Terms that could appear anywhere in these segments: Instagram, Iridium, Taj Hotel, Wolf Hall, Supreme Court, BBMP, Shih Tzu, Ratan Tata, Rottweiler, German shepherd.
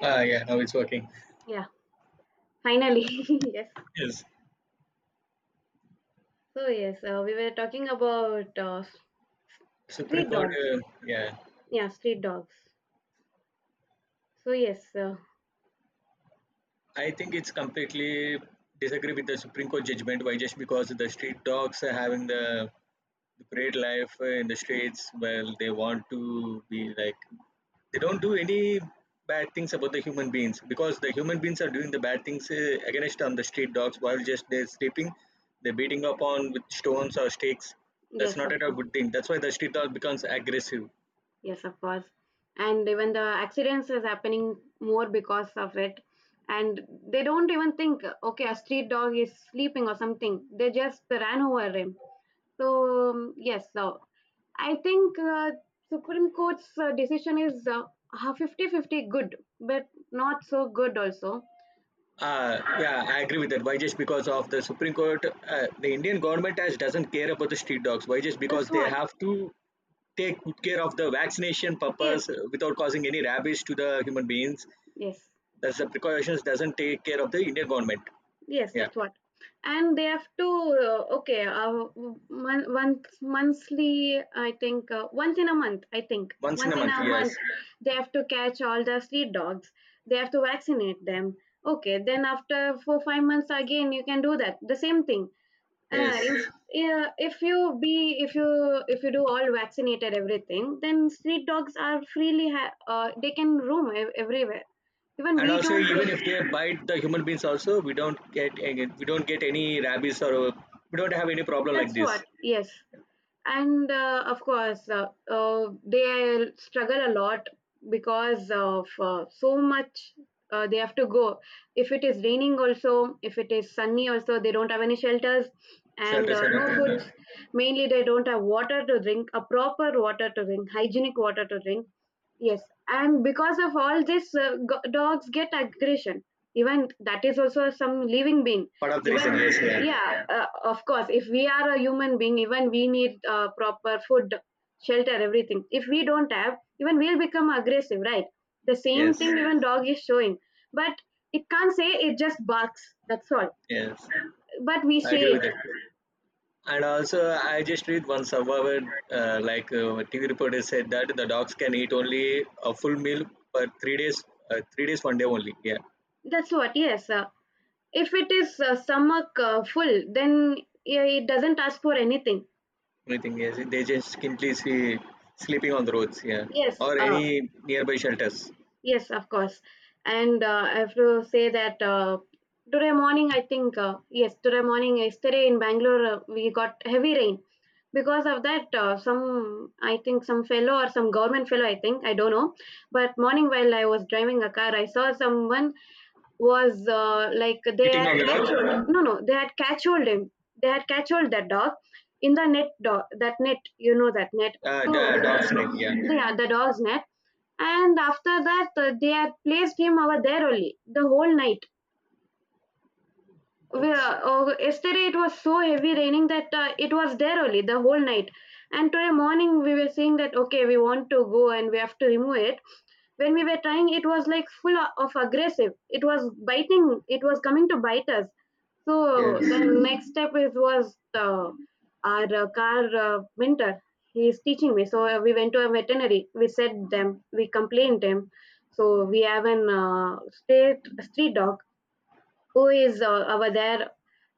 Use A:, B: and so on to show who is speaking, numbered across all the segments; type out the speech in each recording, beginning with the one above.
A: Ah, yeah, now it's working.
B: Yeah, finally. Yes.
A: Yes,
B: We were talking about
A: Supreme
B: street
A: Court.
B: dogs.
A: Yeah,
B: Yeah, street dogs. So, yes, uh,
A: I think it's completely disagree with the Supreme Court judgment. Why just because the street dogs are having the great life in the streets? Well, they want to be like they don't do any bad things about the human beings because the human beings are doing the bad things against on the street dogs while just they're sleeping, they're beating up on with stones or sticks. That's
B: yes,
A: not
B: of
A: at all
B: course.
A: good thing. That's why the street dog becomes aggressive.
B: Yes, of course. And even the accidents is happening more because of it. And they don't even think, okay, a street dog is sleeping or something. They just ran over him. So I think Supreme Court's decision is 50 50, good, but not so good also.
A: Yeah, I agree with that. Why just because of the Supreme Court, the Indian government has doesn't care about the street dogs. Why just
B: That's
A: because they
B: what.
A: have to take good care of the vaccination purpose
B: Yes,
A: without causing any rabies to the human beings.
B: yes,
A: That's the precautions doesn't take care of the Indian government.
B: yes.
A: Yeah,
B: That's what. And they have to uh, okay. Uh, once monthly, I think once in a month. I think
A: once in
B: once
A: a
B: in
A: month.
B: a month
A: Yes,
B: they have to catch all the street dogs. They have to vaccinate them. Okay, then after 4 5 months again, you can do that. The same thing. Uh,
A: yes.
B: it's- yeah, if you be if you do all vaccinated everything, then street dogs are they can roam everywhere, even
A: And
B: we
A: also,
B: don't get.
A: even if they bite the human beings, also we don't get we don't get any rabies or we don't have any problem
B: That's
A: like this.
B: what, yes. And of course, they struggle a lot because of so much, they have to go. If it is raining, also, if it is sunny, also, they don't have any shelters and
A: Shelters or
B: no
A: nothing. Yeah.
B: foods. Mainly, they don't have water to drink, a proper water to drink, hygienic water to drink. Yes. And because of all this, dogs get aggression. Even that is also some living being.
A: Part of the
B: Even
A: reason. Yes. Yeah.
B: yeah Of course, if we are a human being, even we need proper food, shelter, everything. If we don't have, even we'll become aggressive, right? The same
A: Yes.
B: thing even dog is showing, but it can't say, it just barks, that's all,
A: Yes.
B: but we
A: I
B: say
A: agree
B: it.
A: with it. And also, I just read one survivor, like TV reporter said that the dogs can eat only a full meal per 3 days, 3 days, one day only. Yeah,
B: That's what yes If it is stomach full, then yeah, it doesn't ask for anything.
A: anything is they just simply see sleeping on the roads. Yeah,
B: yes
A: or
B: uh,
A: any nearby shelters.
B: Yes, of course. And I have to say that today morning, I think, yes, today morning, yesterday in Bangalore, we got heavy rain. Because of that, some, I think, some fellow or some government fellow, I think, I don't know. But morning while I was driving a car, I saw someone was like they
A: Eating
B: had
A: on the dog,
B: catch no, no, they had catch hold him. They had catch hold that dog in the net dog, that net, you know, that net. So,
A: the dog's neck. Yeah,
B: so, yeah, the dog's net. And after that, they had placed him over there only the whole night.
A: that's
B: Well, yesterday it was so heavy raining that it was there only the whole night. And today morning we were saying that okay, we want to go and we have to remove it. When we were trying, it was like full of aggressive. It was biting. It was coming to bite us. So
A: yes.
B: the next step is was our car mentor. He is teaching me. So we went to a veterinary. We said them. We complained them. So we have an state street dog who is over there,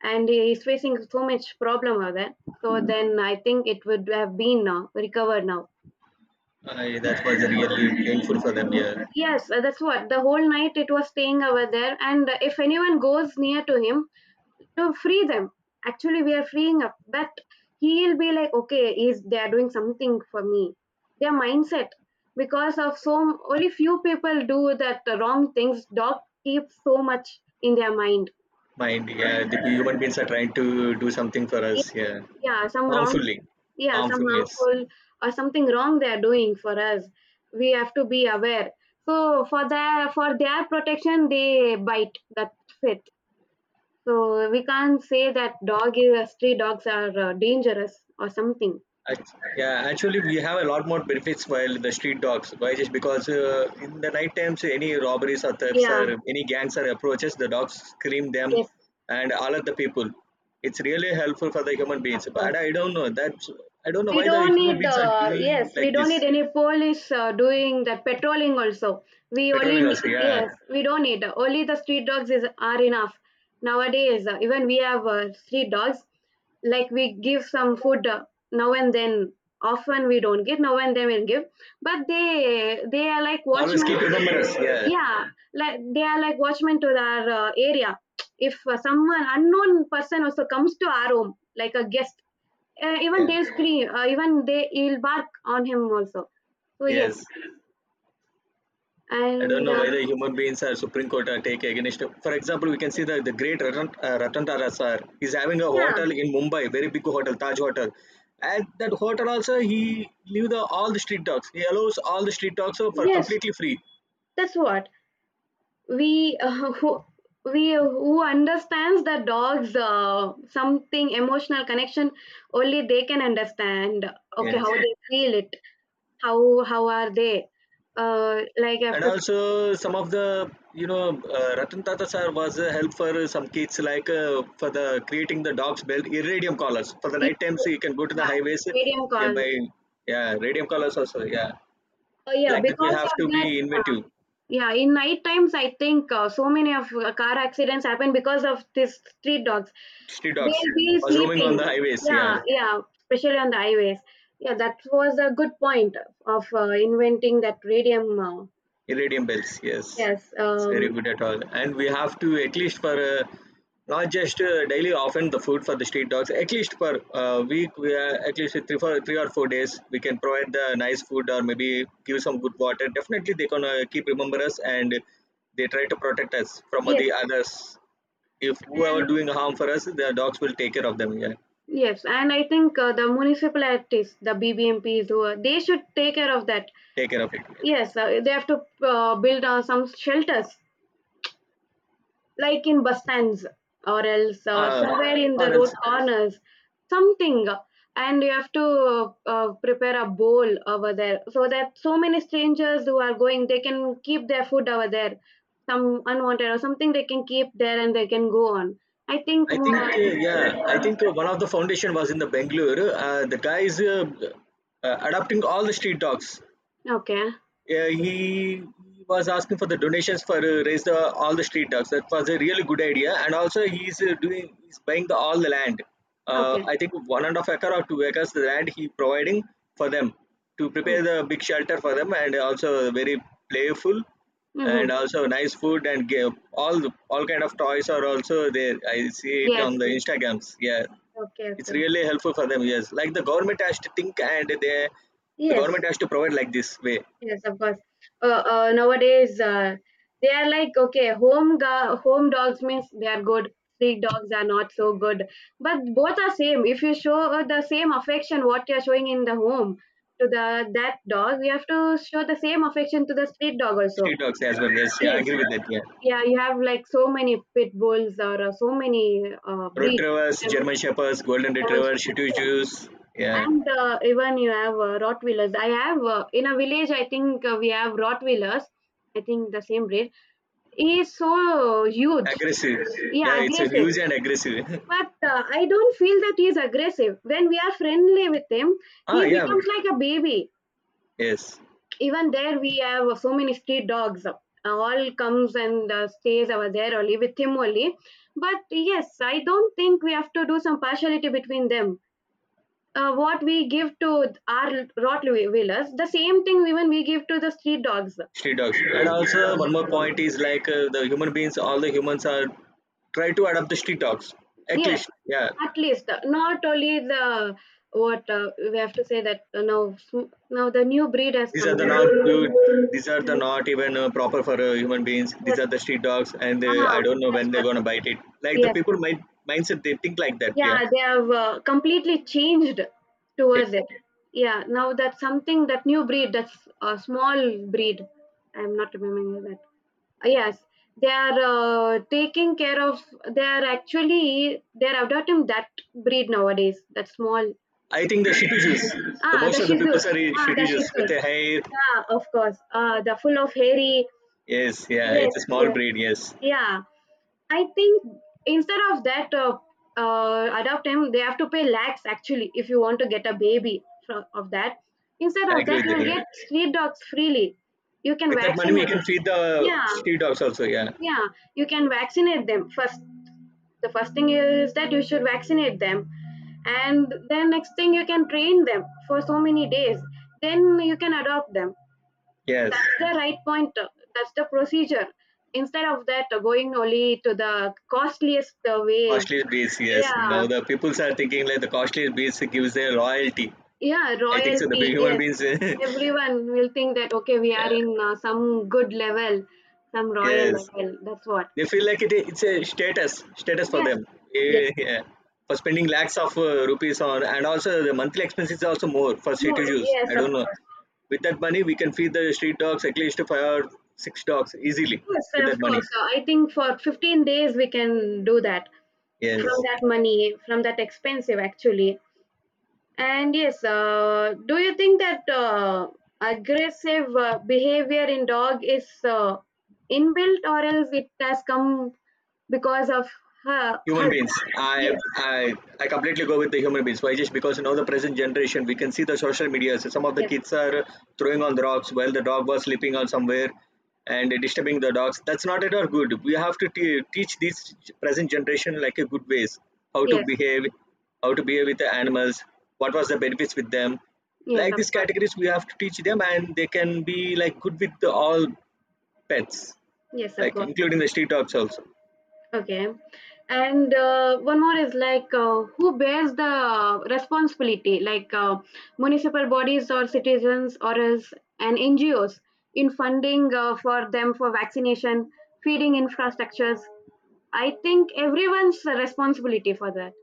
B: and he's facing so much problem over there. So then I think it would have been recovered now.
A: I, that was really painful for them. Yeah,
B: Yes that's what, the whole night it was staying over there. And if anyone goes near to him to free them, actually we are freeing up, but he'll be like, okay, is they are doing something for me, their mindset, because of so, only few people do that wrong things, dog keeps so much in their mind.
A: mind. Yeah, the human beings are trying to do something for us. Yeah,
B: Yeah, some wrong,
A: harmfully,
B: yeah, some
A: harmfulness.
B: harmful or something wrong they are doing for us, we have to be aware. So for their protection they bite, that's it. So we can't say that dog is, stray dogs are dangerous or something.
A: Yeah, actually, we have a lot more benefits while the street dogs. Why? Just because in the night times, any robberies or thefts
B: Yeah,
A: or any gangs or approaches, the dogs scream them
B: yes,
A: and alert the people. It's really helpful for the human
B: of
A: beings.
B: course.
A: But I don't know that's I don't know
B: We
A: why the
B: don't
A: human
B: need,
A: beings are doing
B: yes, we
A: like
B: don't need
A: this.
B: any police doing that patrolling also.
A: Patrolling also, yeah.
B: Yes, we don't need. Only the street dogs is are enough. Nowadays, even we have street dogs. Like we give some food now and then. Often we don't give. Now and then we'll give. But they are like
A: Always
B: watchmen.
A: keep remember us, yeah,
B: Yeah, like they are like watchmen to our area. If someone unknown person also comes to our home, like a guest, even
A: yeah,
B: they'll scream, even they will bark on him also. So yes,
A: yes. I don't
B: and
A: know why the human beings are Supreme Court are take against. For example, we can see that the great Ratan, Ratan Tata sir is having a
B: yeah,
A: hotel in Mumbai, very big hotel, Taj Hotel. At that hotel also, he leave the all the street dogs. He allows all the street dogs for
B: yes,
A: completely free.
B: that's what. We, who, we who understands the dog's something emotional connection, only they can understand okay how
A: Yes,
B: they feel it, how are they like
A: and
B: after,
A: also some of the you know Ratan Tata sir was a help for some kids like for the creating the dogs belt iridium collars for the
B: yeah,
A: night times. You can go to the highways
B: medium call,
A: by yeah radium collars also yeah
B: yeah,
A: like that we
B: because
A: have
B: of
A: to be
B: that. Yeah,
A: inventive.
B: Yeah, in night times, I think so many of car accidents happen because of these street dogs.
A: Street dogs
B: They'll be
A: was roaming
B: sleeping.
A: on the highways. Yeah,
B: Yeah, yeah, especially on the highways. Yeah, that was a good point of inventing that radium.
A: iridium bells. Yes,
B: Yes,
A: it's very good at all. And we have to at least for not just daily, often the food for the street dogs. At least per week, we are at least three for 3 or 4 days. We can provide the nice food or maybe give some good water. Definitely, they gonna keep remember us and they try to protect us from
B: yes,
A: the others. If whoever
B: and
A: doing harm for us, the dogs will take care of them. Yeah,
B: yes, and I think the municipalities, the BBMPs, who are, they should take care of that.
A: take care of it. Yeah.
B: Yes, they have to build some shelters, like in bus stands or else
A: Uh,
B: somewhere in the
A: or
B: road
A: else
B: corners, something. And you have to prepare a bowl over there, so that so many strangers who are going they can keep their food over there, some unwanted or something they can keep there and they can go on. I think
A: I
B: more,
A: think yeah, I think one of the foundation was in the Bangalore. The guys adopting all the street dogs.
B: okay,
A: Yeah, he was asking for the donations for raise the all the street dogs. That was a really good idea, and also he's buying the all the land.
B: okay.
A: I think 1.5 acre or 2 acres the land he providing for them to
B: Hmm,
A: prepare the big shelter for them, and also very playful,
B: mm-hmm.
A: and also nice food and give all kind of toys are also there. I see it
B: Yes,
A: on the
B: yes.
A: Instagrams. Yeah,
B: Okay,
A: it's
B: okay.
A: really helpful for them. Yes, like the government has to think and they the
B: Yes.
A: government has to provide like this way.
B: Yes, of course. Nowadays, they are like, okay, home dogs means they are good. Street dogs are not so good. But both are same. If you show the same affection what you are showing in the home to the that dog, you have to show the same affection to the street dog also.
A: Street dogs as well. Yes, yeah, I
B: Yes.
A: agree with that. Yeah,
B: Yeah, you have like so many pit bulls or so many breeds.
A: retrievers,
B: Um,
A: German shepherds, golden
B: someone's-
A: retrievers, Shih Tzus. Yeah,
B: and even you have Rottweilers. I have in a village. I think we have Rottweilers. I think the same breed. He is so huge.
A: aggressive. Yeah,
B: Yeah,
A: it's a
B: aggressive.
A: huge and aggressive.
B: But I don't feel that he is aggressive. When we are friendly with him,
A: ah,
B: he
A: yeah.
B: becomes like a baby.
A: Yes,
B: Even there, we have so many street dogs. All comes and stays over there only with him only. But yes, I don't think we have to do some partiality between them. What we give to our Rottweilers, the same thing even we give to the street dogs.
A: street dogs. And also one more point is like the human beings. All the humans are try to adopt the street dogs. At
B: Yes,
A: least, yeah.
B: at least not only the, what we have to say that now the new breed has
A: These are
B: come.
A: the not good. These are the not even proper for human beings. These
B: Yes,
A: are the street dogs, and
B: ah,
A: I don't know
B: that's
A: when
B: what.
A: they're gonna bite it. Like the
B: Yes,
A: people mindset, they think like that. Yeah.
B: yeah, they have completely changed
A: Okay.
B: towards it. Yeah, now that's something, that new breed, that's a small breed. I'm not remembering that. Yes, they are taking care of. They are adopting that breed nowadays. That small.
A: I think the Shitujus, the
B: Ah,
A: most
B: the
A: of the
B: Shih
A: people
B: Tzus.
A: are in
B: Ah, the Shih
A: Shitujus with
B: Tzus.
A: the hair.
B: Yeah, of course. The full of hairy.
A: Yes, yeah,
B: Yes,
A: it's a small
B: yes.
A: breed. Yes,
B: Yeah, I think instead of that, adopt him, they have to pay lakhs actually if you want to get a baby from, of that. Instead
A: I
B: of
A: agree
B: that,
A: with that.
B: you
A: Yeah,
B: get street dogs freely. You can
A: with that money we
B: vaccinate.
A: can feed the
B: Yeah,
A: street dogs also. Yeah,
B: yeah. You can vaccinate them first. The first thing is that you should vaccinate them, and then next thing you can train them for so many days. Then you can adopt them.
A: yes,
B: That's the right point, that's the procedure, instead of that, going only to the costliest way.
A: costliest beasts. Yes,
B: Yeah,
A: now the people's are thinking like the costliest beasts gives their loyalty.
B: yeah,
A: I think so. The
B: royalty,
A: human
B: yes.
A: beings. yeah.
B: Everyone will think that okay we are in some good level, some royal
A: Yes.
B: level, that's what.
A: They feel like it's a status for
B: Yes,
A: them.
B: yes,
A: Eh, yeah. For spending lakhs of rupees on, and also the monthly expenses are also more for
B: more,
A: city use.
B: yes,
A: I
B: of
A: don't know.
B: course.
A: With that money, we can feed the street dogs at least five or six dogs easily
B: Yes,
A: with
B: of
A: that
B: course.
A: money.
B: I think for 15 days we can do that, from
A: Yes.
B: that money, from that expensive actually. And yes, do you think that aggressive behavior in dog is inbuilt or else it has come because of
A: Human
B: her?
A: beings. i
B: Yes,
A: i i completely go with the human beings. Why? Just because now the present generation we can see the social media, so some of the
B: yes,
A: kids are throwing on the rocks while the dog was sleeping on somewhere and disturbing the dogs. That's not at all good. We have to teach this present generation like a good ways, how to
B: yes,
A: behave, how to behave with the animals, what was the benefits with them.
B: yes,
A: Like
B: of
A: these
B: course.
A: categories we have to teach them and they can be like good with the all pets,
B: Yes, of
A: like
B: course.
A: including the street dogs also.
B: Okay. And one more is like who bears the responsibility, like municipal bodies or citizens or as and NGOs in funding for them for vaccination, feeding infrastructures. I think everyone's responsibility for that.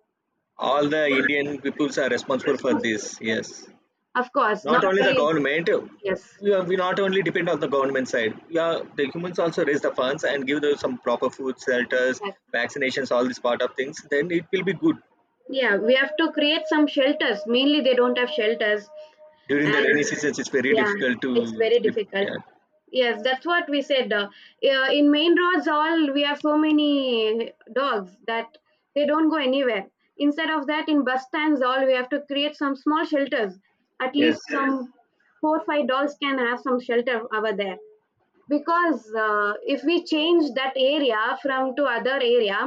A: All the Indian peoples are responsible for
B: Responsibility.
A: this.
B: Yes.
A: Yes,
B: Of course, not
A: not only the
B: only
A: government.
B: yes.
A: We, are, we not only depend on the government side. Yeah, the humans also raise the funds and give them some proper food, shelters,
B: Yes.
A: vaccinations, all this part of things. Then it will be good.
B: Yeah, we have to create some shelters. Mainly, they don't have shelters.
A: During the rainy
B: And
A: seasons, it's very
B: yeah,
A: difficult
B: it's
A: to
B: very
A: sleep.
B: difficult.
A: Yeah.
B: Yes, that's what we said, yeah, in main roads all we have so many dogs, that they don't go anywhere. Instead of that, in bus stands all we have to create some small shelters, at
A: Yes.
B: least some 4 5 dogs can have some shelter over there. Because if we change that area from to other area,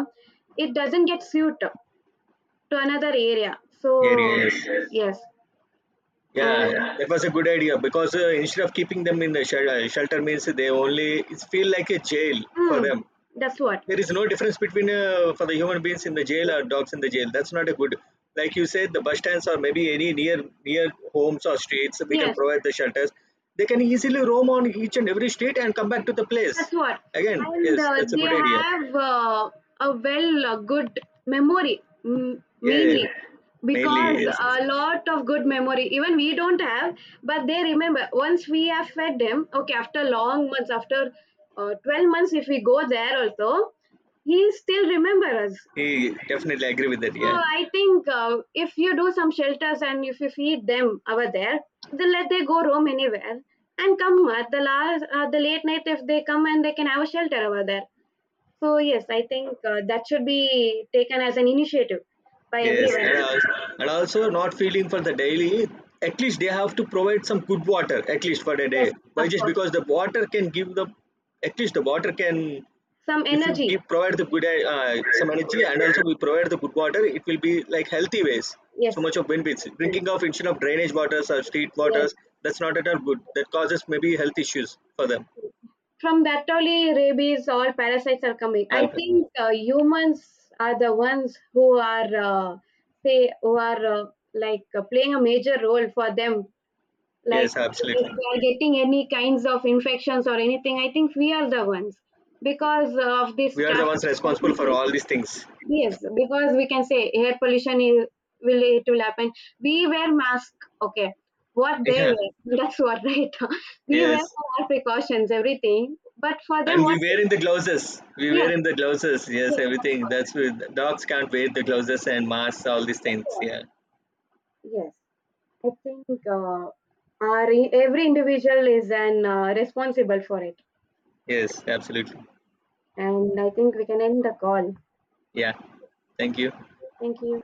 B: it doesn't get suit to another area.
A: Yeah.
B: So
A: Yes.
B: yes,
A: Yeah.
B: and,
A: That was a good idea because instead of keeping them in the shelter means they only it feel like a jail for
B: mm,
A: them.
B: that's what.
A: There is no difference between for the human beings in the jail
B: Yes,
A: or dogs in the jail. That's not a good. Like you said, the bus stands or maybe any near homes or streets, we can
B: yes,
A: provide the shelters. They can easily roam on each and every street and come back to the place
B: that's what.
A: again.
B: And
A: Yes, that's a
B: they
A: good idea.
B: have a well good memory,
A: Yeah,
B: mainly,
A: mainly
B: because
A: yes, yes.
B: a lot of good memory even we don't have, but they remember once we have fed them, okay, after long months, after 12 months if we go there also, he still remember us.
A: He definitely agree with that.
B: So
A: Yeah,
B: I think if you do some shelters and if you feed them over there, then let they go roam anywhere and come at the last, the late night, if they come and they can have a shelter over there. So yes, I think that should be taken as an initiative by
A: yes,
B: everyone.
A: and also not feeling for the daily, at least they have to provide some good water at least for a day.
B: Yes,
A: Why
B: of
A: just
B: course.
A: because the water can give the, at least the water can,
B: Some
A: if you give
B: energy.
A: provide the good some energy and also we provide the good water, it will be like healthy ways, so
B: Yes,
A: much of benefits
B: actually.
A: drinking of instead of drainage waters or street
B: Yes.
A: waters. That's not at all good. That causes maybe health issues for them.
B: From that only rabies or parasites are coming. I
A: Alf-
B: think humans are the ones who are say, who are like playing a major role for them. Like
A: yes, absolutely,
B: if they are getting any kinds of infections or anything, I think we are the ones, because of this
A: we are the
B: traffic.
A: ones responsible for all these things.
B: Yes, because we can say air pollution is, will it will happen. We wear mask, okay. What they
A: yeah,
B: wear, that's what, right. We
A: yes
B: wear for our precautions, everything. But for them,
A: and
B: what?
A: we
B: Yes,
A: wear in the gloves, yes,
B: yes, that's
A: everything.
B: what.
A: That's with dogs can't wear the gloves and masks all these
B: That's
A: things.
B: what.
A: Yeah,
B: Yes, I think our every individual is an responsible for it,
A: yes, absolutely.
B: and I think we can end the call.
A: Yeah, thank you.
B: Thank you.